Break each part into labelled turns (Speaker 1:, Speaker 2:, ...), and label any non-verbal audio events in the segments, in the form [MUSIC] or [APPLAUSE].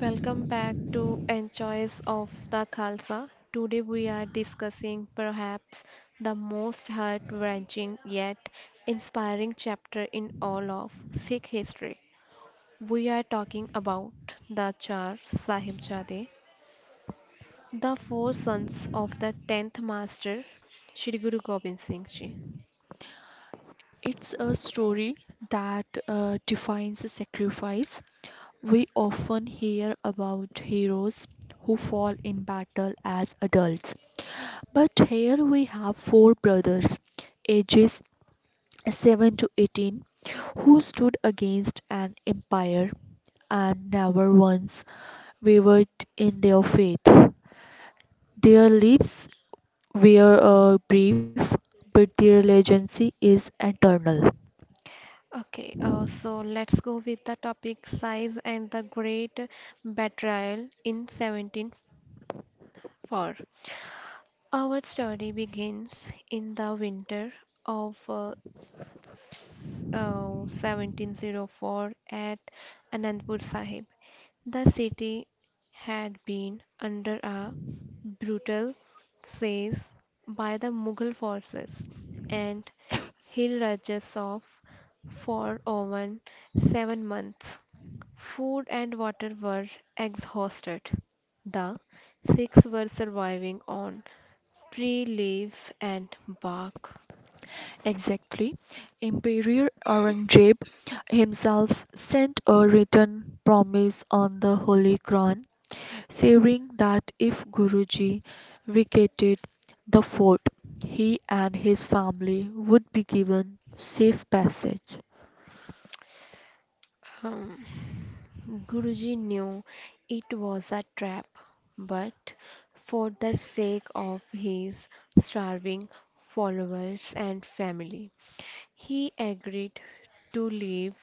Speaker 1: Welcome back to Enjoys of the Khalsa. Today we are discussing perhaps the most heart wrenching yet inspiring chapter in all of Sikh history. We are talking about the Char Sahibzade, the four sons of the 10th Master, Shri Guru Gobind Singh Ji.
Speaker 2: It's a story that defines the sacrifice. We often hear about heroes who fall in battle as adults. But here we have four brothers, ages 7 to 18, who stood against an empire and never once wavered in their faith. Their lives were brief, but their legacy is eternal.
Speaker 1: Okay, so let's go with the topic size and the great betrayal in 174. Our story begins in the winter of 1704 at Anandpur Sahib. The city had been under a brutal siege by the Mughal forces, and hill rajas of for over 7 months. Food and water were exhausted. The Sikhs were surviving on tree leaves and bark.
Speaker 2: Exactly. Emperor Aurangzeb himself sent a written promise on the Holy Quran saying that if Guruji vacated the fort, he and his family would be given safe passage.
Speaker 1: Um, Guruji knew it was a trap, but for the sake of his starving followers and family, he agreed to leave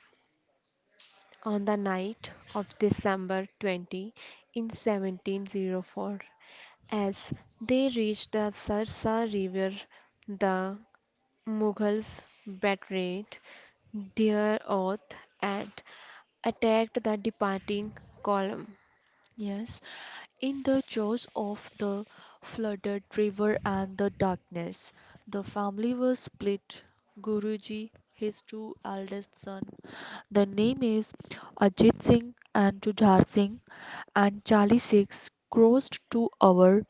Speaker 1: on the night of December 20 in 1704. As they reached the Sarsa River, the Mughals betrayed their oath and attacked the departing column.
Speaker 2: Yes, in the jaws of the flooded river and the darkness, the family was split. Guruji, his two eldest son, the name is Ajit Singh and Jujhar Singh, and Charlie Six crossed to our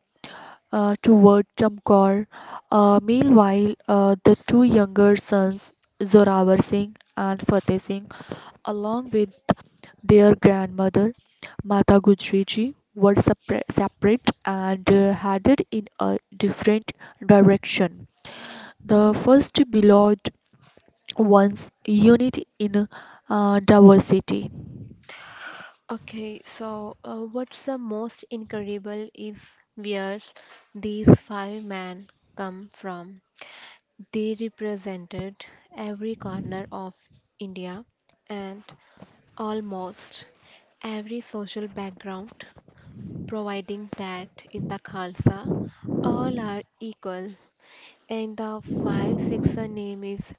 Speaker 2: toward Chamkor. Meanwhile, the two younger sons, Zorawar Singh and Fateh Singh, along with their grandmother, Mata Gujri Ji, were separate and headed in a different direction. The first belonged once unity in diversity.
Speaker 1: Okay, so what's the most incredible is where these five men come from. They represented every corner of India and almost every social background, providing that in the Khalsa all are equal. And the 5 6 name is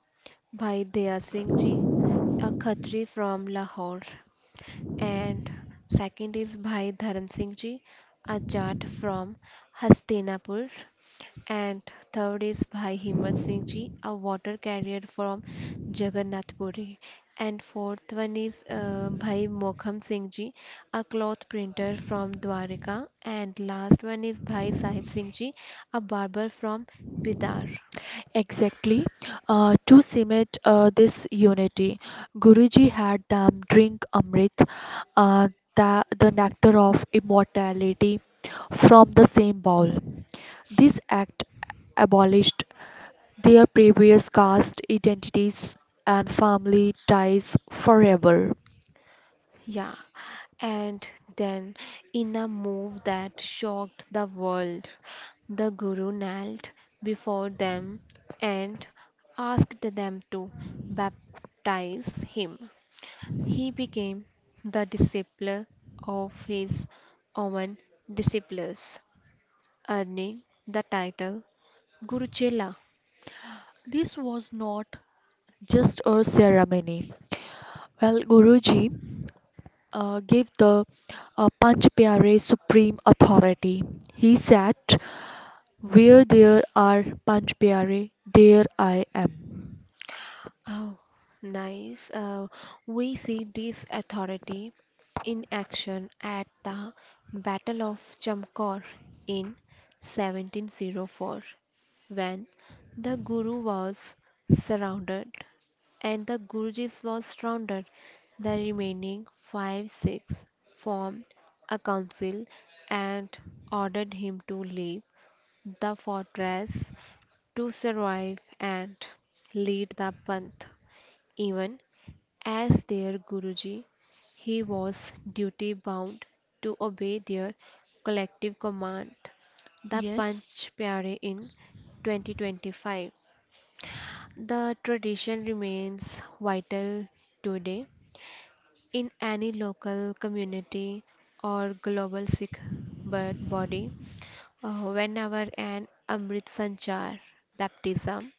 Speaker 1: Bhai Daya Singh Ji, a Khatri from Lahore. And second is Bhai Dharam Singh Ji, a Jat from Hastinapur. And third is Bhai Himmat Singh Ji, a water carrier from Jagannathpuri. And fourth one is Bhai Mokham Singh Ji, a cloth printer from Dwarka. And last one is Bhai Sahib Singh Ji, a barber from Bidar.
Speaker 2: Exactly. To cement this unity, Guruji had them drink Amrit, uh, the nectar of immortality, from the same bowl. This act abolished their previous caste identities and family ties forever.
Speaker 1: Yeah, and then, in a move that shocked the world, the Guru knelt before them and asked them to baptize him. He became the disciple of his own disciples, earning the title Guru Chela.
Speaker 2: This was not just a ceremony. Well, Guruji gave the Panch Pyare supreme authority. He said, where there are Panch Pyare, there I am.
Speaker 1: Oh, nice. We see this authority in action at the Battle of Chamkor in 1704 when the Guru was surrounded and the Gurjis was surrounded. The remaining five Sikhs formed a council and ordered him to leave the fortress to survive and lead the Panth. Even as their Guruji, he was duty bound to obey their collective command, the
Speaker 2: Yes,
Speaker 1: Panch Pyare in 2025. The tradition remains vital today in any local community or global Sikh body. Whenever an Amrit Sanchar baptism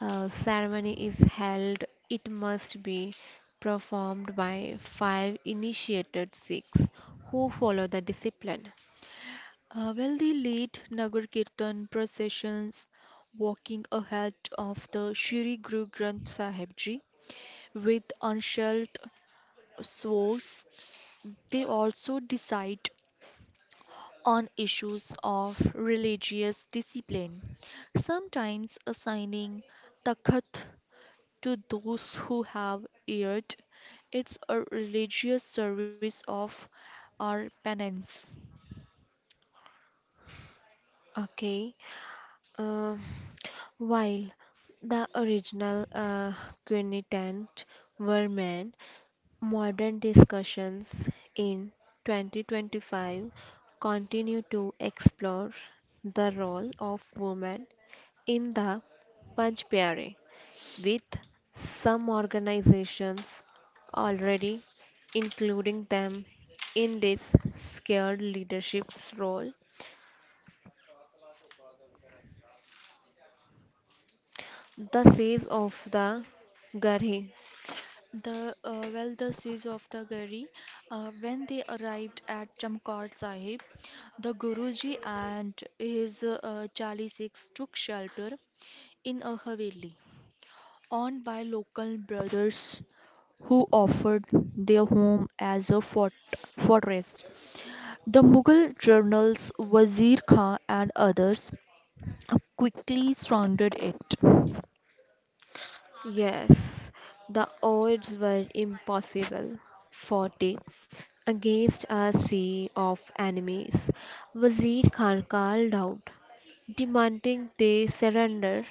Speaker 1: ceremony is held, it must be performed by five initiated Sikhs who follow the discipline.
Speaker 2: well, the late Nagar Kirtan processions walking ahead of the Shri Guru Granth Sahib Ji with unshelved swords, they also decide on issues of religious discipline, sometimes assigning takhat to those who have erred. It's a religious service of our penance.
Speaker 1: Okay, uh, while the original Quinitant were men, modern discussions in 2025 continue to explore the role of women in the Panch Pyare, with some organizations already including them in this scared leadership's role. The siege of the Garhi.
Speaker 2: The Well, the siege of the Gari. When they arrived at Chamkor Sahib, the Guruji and his Chali took shelter in a haveli owned by local brothers who offered their home as a fortress. The Mughal journals Wazir Khan and others quickly surrounded it.
Speaker 1: Yes, the odds were impossible. 40. Against a sea of enemies, Wazir Khan called out, demanding they surrender.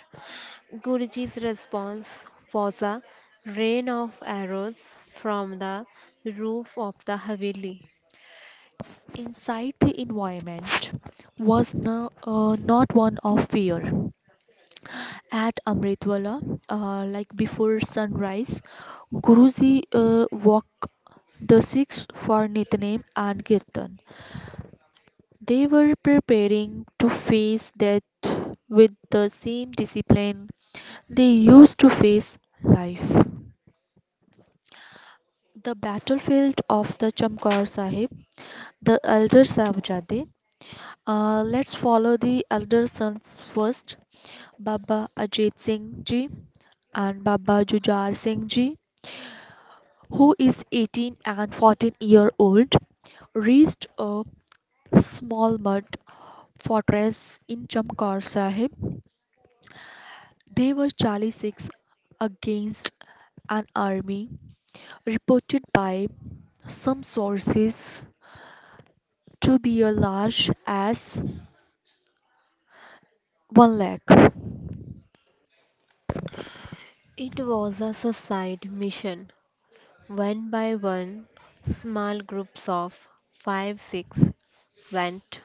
Speaker 1: Guruji's response was a rain of arrows from the roof of the Haveli.
Speaker 2: Inside the environment was not one of fear. At Amritwala, like before sunrise, Guruji walked the Sikhs for Nitnem and Kirtan. They were preparing to face death with the same discipline they used to face life. The battlefield of the Chamkar Sahib, the elder Sahibzade. Let's follow the elder sons first. Baba Ajit Singh ji and Baba Jujar Singh ji, who is 18 and 14 year old, reached a small mud fortress in Chamkar Sahib. They were 46 against an army reported by some sources to be as large as 1 lakh.
Speaker 1: It was a suicide mission. One by one, small groups of five, six went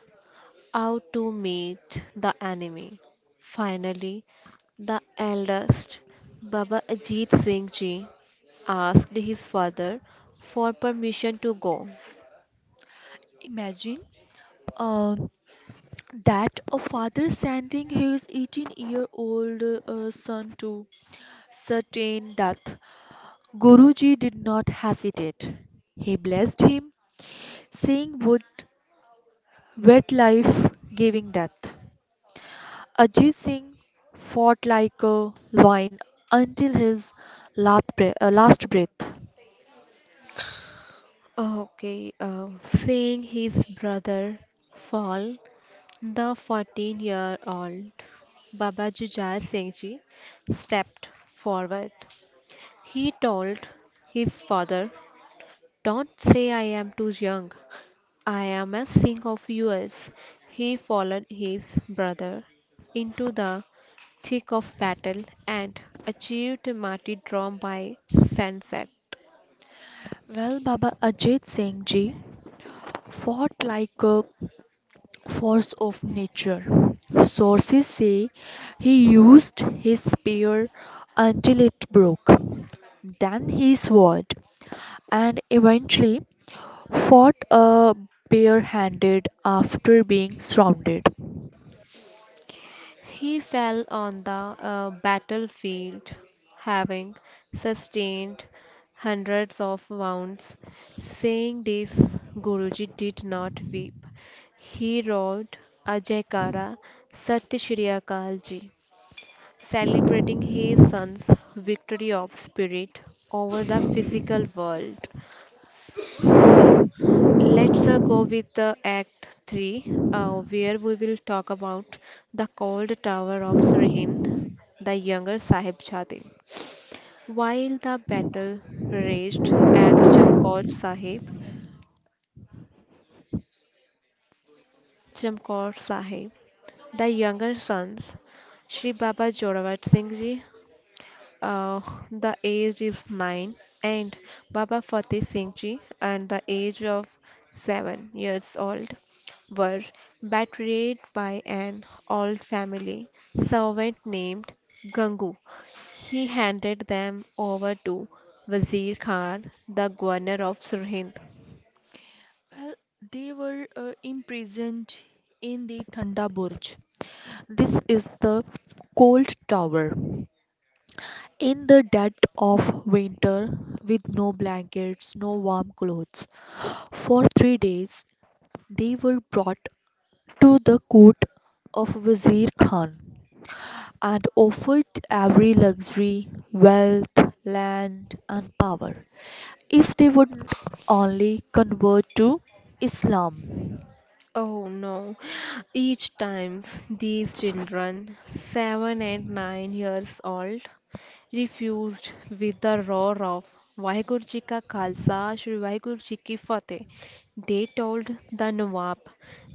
Speaker 1: out to meet the enemy. Finally, the eldest, Baba Ajit Singh Ji, asked his father for permission to go.
Speaker 2: Imagine. Uh, That a father sending his 18-year-old son to certain death, Guruji did not hesitate. He blessed him, saying, would wet life giving death. Ajit Singh fought like a lion until his last breath.
Speaker 1: Okay, seeing his brother fall, the 14-year-old Baba Jujhar Singh Ji stepped forward. He told his father, "Don't say I am too young. I am a Singh of yours." He followed his brother into the thick of battle and achieved martyrdom by sunset.
Speaker 2: Well, Baba Ajit Singh ji fought like a force of nature. Sources say he used his spear until it broke, then his sword, and eventually fought a barehanded after being surrounded. Well,
Speaker 1: He fell on the battlefield, having sustained hundreds of wounds. Seeing this, Guruji did not weep. He roared Ajay Kara Sat Shri Akal Ji, celebrating his son's victory of spirit over the physical world. So, let's go with the Act 3, where we will talk about the cold tower of Sirhind, the younger Sahib Jade. While the battle raged at Chamkaur Sahib, the younger sons, Shri Baba Jorawat Singh Ji, Uh, the age is 9, and Baba Fateh Singh Ji, at the age of 7 years old, were betrayed by an old family servant named Gangu. He handed them over to Wazir Khan, the governor of Sirhind.
Speaker 2: they were imprisoned in the Thanda Burj. This is the cold tower. In the dead of winter, with no blankets, no warm clothes, for 3 days they were brought to the court of Wazir Khan and offered every luxury, wealth, land, and power if they would only convert to Islam.
Speaker 1: Oh no. Each time these children, 7 and 9 years old, refused with the roar of Vaheguru Ji ka Khalsa, Shri Vaheguru Ji ki Fateh. They told the Nawab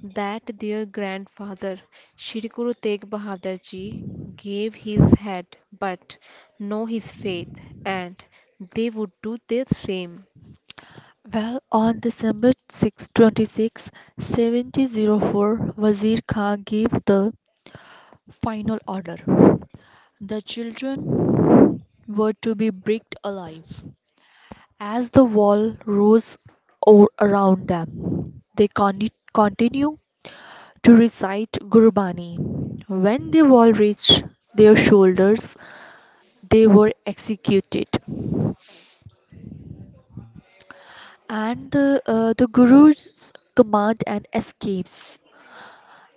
Speaker 1: that their grandfather, Shri Guru Tegh Bahadur Ji, gave his head but no his faith, and they would do the same.
Speaker 2: Well, on December 6, 26, seventy oh four, Wazir Khan gave the final order. The children were to be bricked alive. As the wall rose around them, they continued to recite Gurbani. When the wall reached their shoulders, they were executed. And the Guru's command and escapes.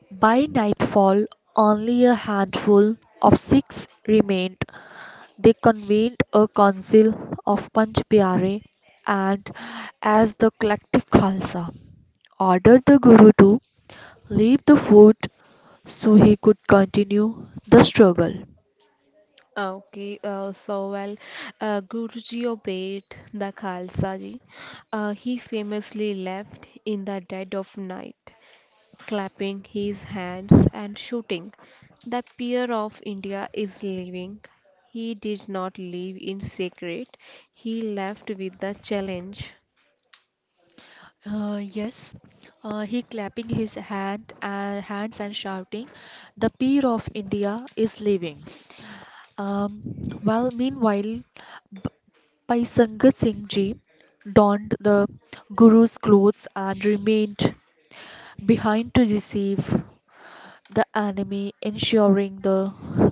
Speaker 2: By nightfall, only a handful of Sikhs remained. They convened a council of Panch Pyare and, as the collective Khalsa, ordered the Guru to leave the fort so he could continue the struggle.
Speaker 1: Okay, so well, Guruji obeyed the Khalsa ji. He famously left in the dead of night, clapping his hands and shouting, "The peer of India is leaving." He did not leave in secret, he left with the challenge.
Speaker 2: Yes, he clapping his hands and shouting, "The peer of India is leaving." Um, while meanwhile, B- Bhai Sangat Singh Ji donned the Guru's clothes and remained behind to receive the enemy, ensuring the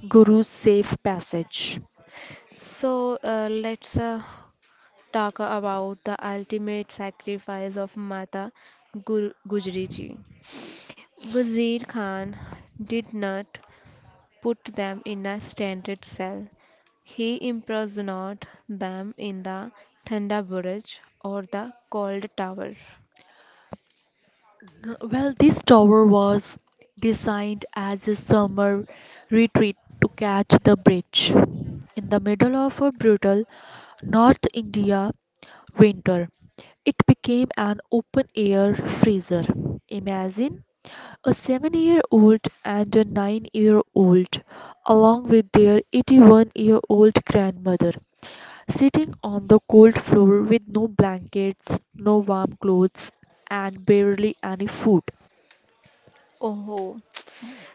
Speaker 2: Guru's safe passage.
Speaker 1: So let's talk about the ultimate sacrifice of Mata Gur Gujri ji. Wazir Khan did not put them in a standard cell. He imprisoned them in the Thanda Burj or the cold tower.
Speaker 2: Well, this tower was designed as a summer retreat to catch the bridge. In the middle of a brutal North India winter, it became an open air freezer. Imagine a 7-year-old and a 9-year-old, along with their 81-year-old grandmother, sitting on the cold floor with no blankets, no warm clothes, and barely any food.
Speaker 1: Oh,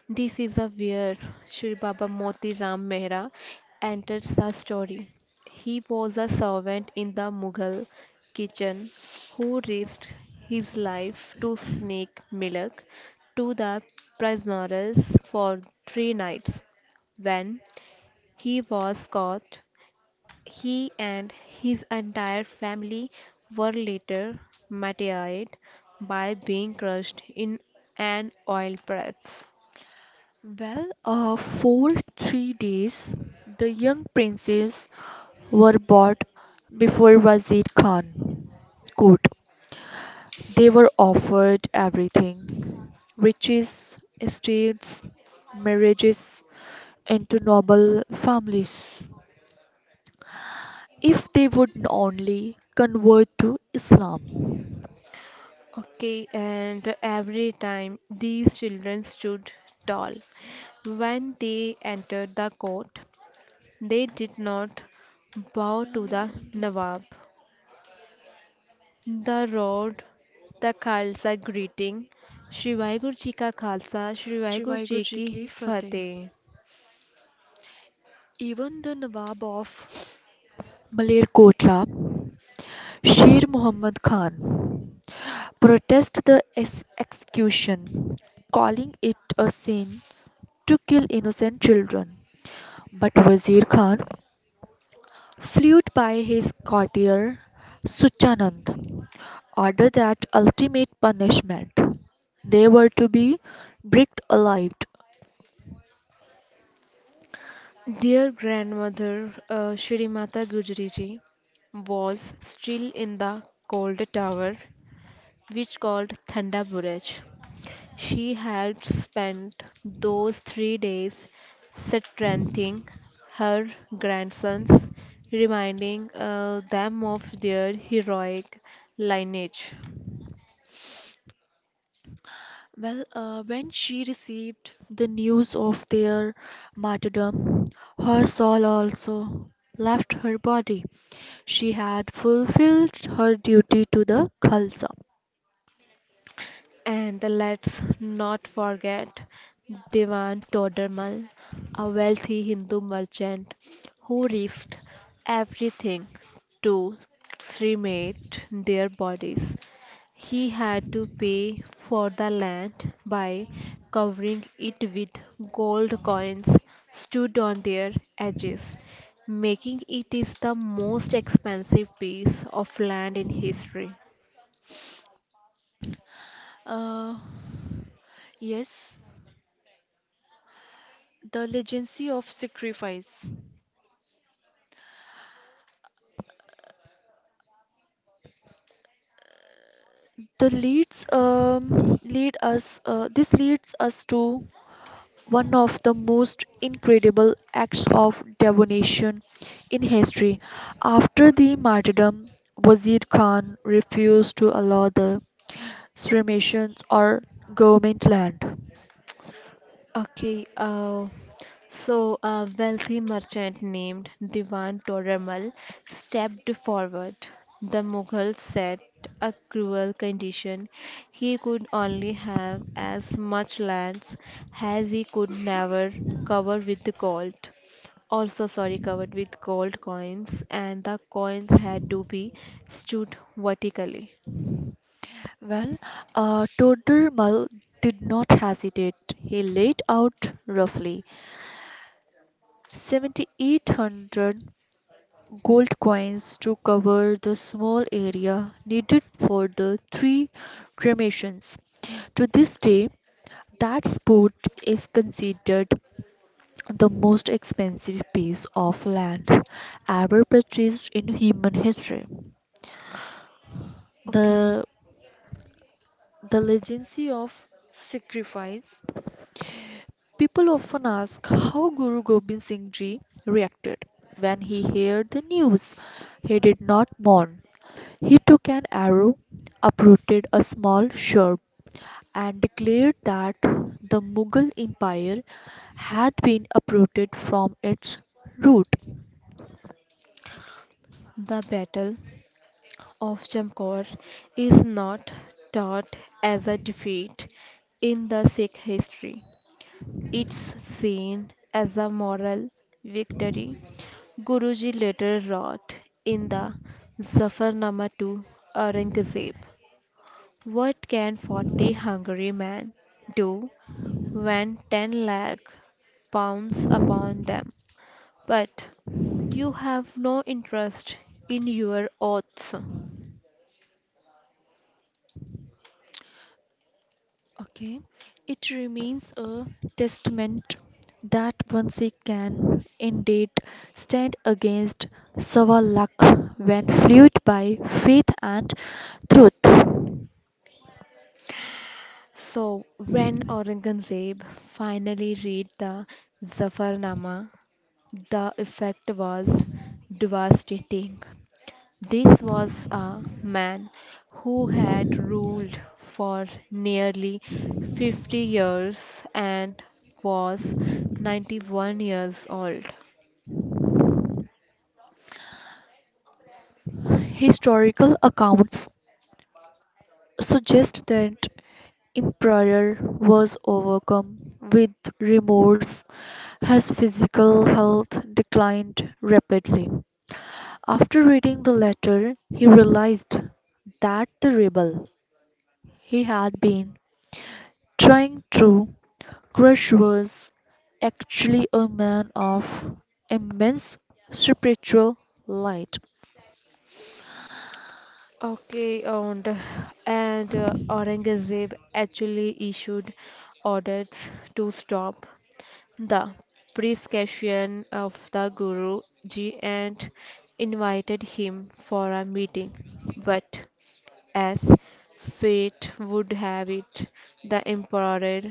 Speaker 1: this is a where Sri Baba Moti Ram Mehra enters the story. He was a servant in the Mughal kitchen who risked his life to sneak milk to the prisoners for 3 nights. When he was caught, he and his entire family were later martyred by being crushed in an oil press.
Speaker 2: Well, for 3 days, the young princes were brought before Wazir Khan court. They were offered everything riches, estates, marriages, into noble families if they would only convert to Islam.
Speaker 1: Okay, and every time these children stood tall. When they entered the court, they did not bow to
Speaker 2: मैंने
Speaker 1: the
Speaker 2: बोल दिया।
Speaker 1: Nawab. The road, the Khalsa greeting, Shri Vaheguru Ji ka Khalsa, Shri
Speaker 2: Shri
Speaker 1: Vaheguru
Speaker 2: Waheguru
Speaker 1: Ji
Speaker 2: ji की
Speaker 1: ki
Speaker 2: फतेह
Speaker 1: Fateh.
Speaker 2: Even the Nawab of Malerkotla Sher Mohammad Khan protested the execution, calling it a sin to kill innocent children. But Wazir Khan, fueled by his courtier Suchanand, ordered that ultimate punishment. They were to be bricked alive.
Speaker 1: Their grandmother, Shri Mata Gujari Ji, was still in the cold tower, which called Thanda Buraj. She had spent those 3 days strengthening her grandsons, reminding them of their heroic lineage.
Speaker 2: Well, when she received the news of their martyrdom, her soul also left her body. She had fulfilled her duty to the Khalsa.
Speaker 1: And let's not forget Diwan Todermal, a wealthy Hindu merchant who risked everything to cremate their bodies. He had to pay for the land by covering it with gold coins stood on their edges, making it is the most expensive piece of land in history.
Speaker 2: Uh, yes, the legacy of sacrifice. The leads lead us. This leads us to one of the most incredible acts of devotion in history. After the martyrdom, Wazir Khan refused to allow the cremations or government land.
Speaker 1: Okay, so a wealthy merchant named Diwan Toramal stepped forward. The Mughals set a cruel condition. He could only have as much lands as he could never cover with gold. Also, sorry, covered with gold coins, and the coins had to be stood vertically.
Speaker 2: Well, Todermal did not hesitate. He laid out roughly 7,800 gold coins to cover the small area needed for the three cremations. To this day, that spot is considered the most expensive piece of land ever purchased in human history.
Speaker 1: Okay,
Speaker 2: The, the legacy of sacrifice. People often ask how Guru Gobind Singh Ji reacted when he heard the news. He did not mourn. He took an arrow, uprooted a small shrub, and declared that the Mughal Empire had been uprooted from its root.
Speaker 1: the battle of Jamkor is not taught as a defeat in the Sikh history. It's seen as a moral victory. Guruji later wrote in the Zafarnama to Aurangzeb, "What can 40 hungry men do when 10 lakh pounds upon them? But you have no interest in your oaths."
Speaker 2: Okay, it remains a testament that one Sikh can indeed stand against several luck when fueled by faith and truth.
Speaker 1: So, when Aurangzeb finally read the Zafarnama, the effect was devastating. This was a man who had ruled for nearly 50 years and was 91 years old.
Speaker 2: Historical accounts suggest that emperor was overcome with remorse as physical health declined rapidly. After reading the letter, he realized that the rebel he had been trying true, crush was actually a man of immense spiritual light.
Speaker 1: Okay, and Aurangzeb actually issued orders to stop the prescription of the Guru Ji and invited him for a meeting. But as fate would have it, the emperor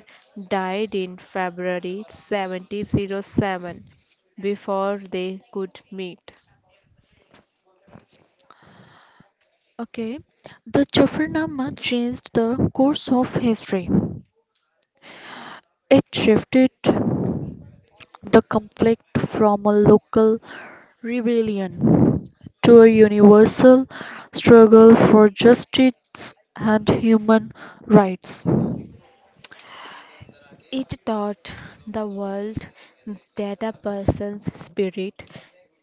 Speaker 1: died in February 1707 before they could meet.
Speaker 2: Okay, the Jafarnama changed the course of history. It shifted the conflict from a local rebellion to a universal struggle for justice and human rights.
Speaker 1: It taught the world that a person's spirit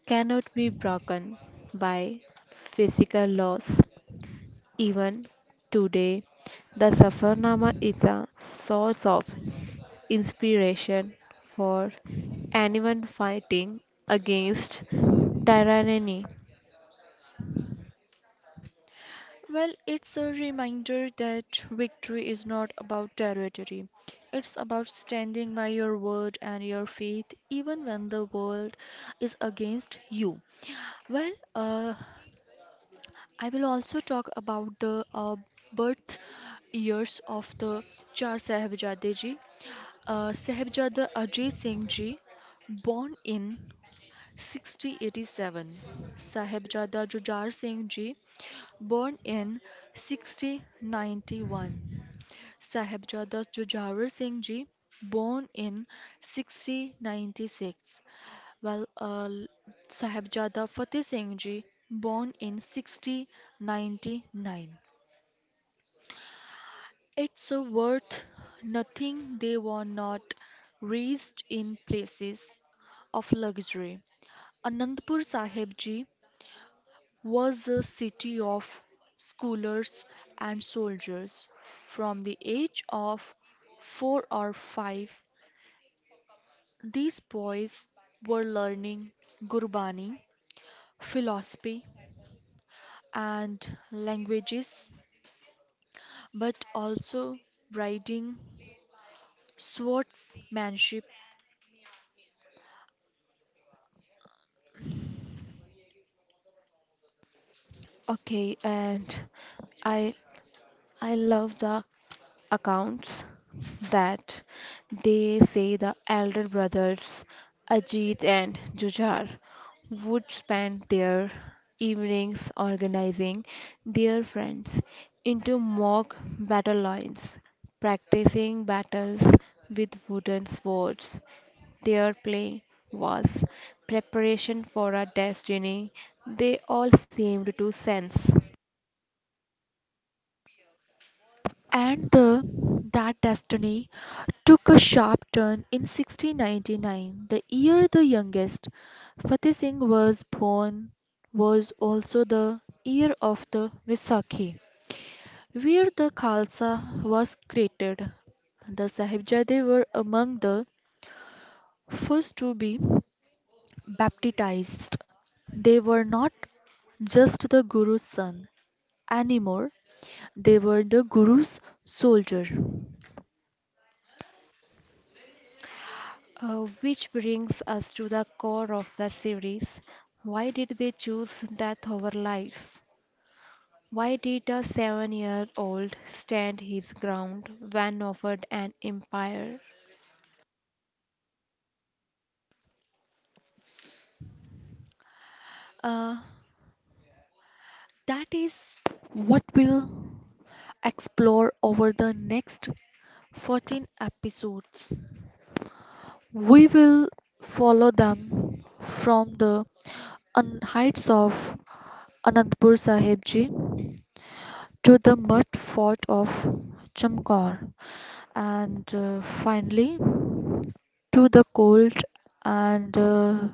Speaker 1: cannot be broken by physical laws. Even today, the Safarnama is a source of inspiration for anyone fighting against tyranny.
Speaker 2: Well, it's a reminder that victory is not about territory. It's about standing by your word and your faith, even when the world is against you. Well, I will also talk about the birth years of the Char Sahibzade ji. Sahibzada Ajay Singh ji, born in 6087. Sahibzada Jujhar Singh ji, born in 6091. Sahebzada Jujhar Singh ji, born in 1696, while Sahebzada Fateh Singh ji, born in 1699. It's worth nothing they were not raised in places of luxury. Anandpur Sahib ji was a city of scholars and soldiers. From the age of four or five, these boys were learning Gurbani, philosophy, and languages, but also riding, swordsmanship,
Speaker 1: Okay, and I I love the accounts that they say the elder brothers, Ajit and Jujar, would spend their evenings organizing their friends into mock battle lines, practicing battles with wooden swords. Their play was preparation for a destiny they all seemed to sense.
Speaker 2: and that destiny took a sharp turn in 1699, the year the youngest Fatih Singh was born, was also the year of the Vaisakhi, where the Khalsa was created. The Sahibzade were among the first to be baptized. They were not just the guru's son anymore, they were the guru's soldier.
Speaker 1: Which brings us to the core of the series. Why did they choose death over life? Why did a 7 year old stand his ground when offered an empire?
Speaker 2: Uh, that is what we'll explore over the next 14 episodes. We will follow them from the heights of Anandpur Sahib Ji to the mud fort of Chamkor, and finally to the cold and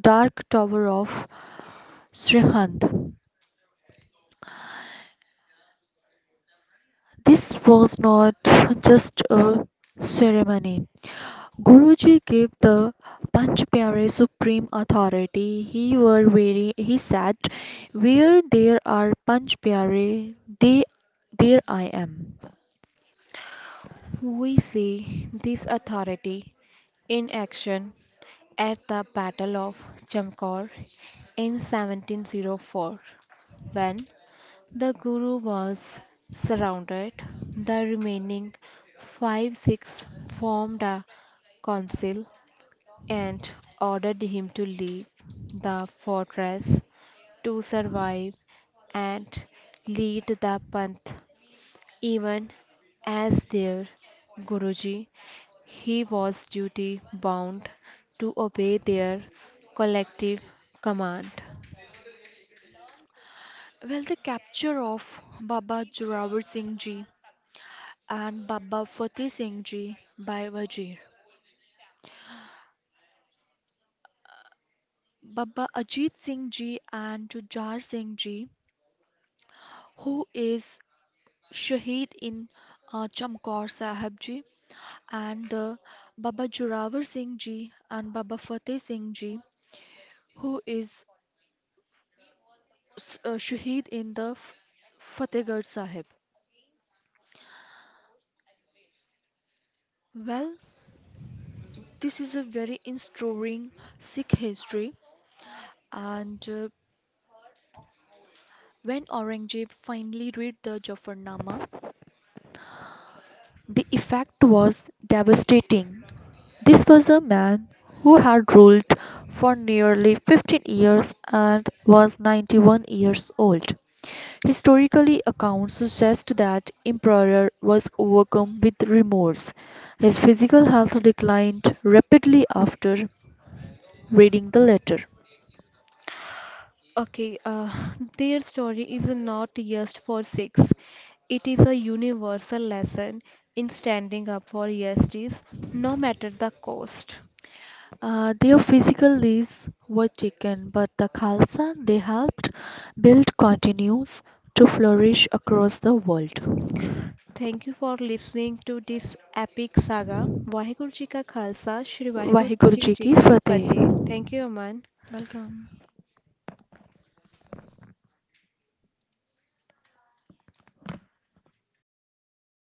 Speaker 2: dark tower of Srihand. This was not just a ceremony. Guruji gave the Panchpyare supreme authority. He were very He said, where there are Panchpyare, they there I am.
Speaker 1: We see this authority in action at the Battle of Chamkor in 1704 when the Guru was surrounded, the remaining five Sikhs formed a council and ordered him to leave the fortress to survive and lead the path. Even as their Guruji, he was duty bound to obey their collective command.
Speaker 2: Well, the capture of Baba Jorawar Singh Ji and Baba Fateh Singh Ji by Wazir. Baba Ajit Singh Ji and Jujhar Singh Ji, who is Shaheed in Chamkaur Sahib Ji, and Baba Jorawar Singh Ji and Baba Fateh Singh Ji, who is Shaheed in the Fatehgarh Sahib. Well, this is a very inspiring Sikh history, and when Aurangzeb finally read the Jafarnama, the effect was devastating. This was a man who had ruled for nearly 15 years and was 91 years old. Historically, accounts suggest that Emperor was overcome with remorse. His physical health declined rapidly after reading the letter.
Speaker 1: Okay, [LAUGHS] their story is not just for six. It is a universal lesson in standing up for justice, no matter the cost.
Speaker 2: Their physical leaves were taken, but the Khalsa they helped build continues to flourish across the world.
Speaker 1: Thank you for listening to this epic saga. Waheguru ji का खालसा श्री वाहिगुरु
Speaker 2: वहीं
Speaker 1: जी
Speaker 2: गुरुजी
Speaker 1: जी
Speaker 2: की
Speaker 1: की
Speaker 2: फतेह।
Speaker 1: फतेह thank you Aman
Speaker 2: welcome.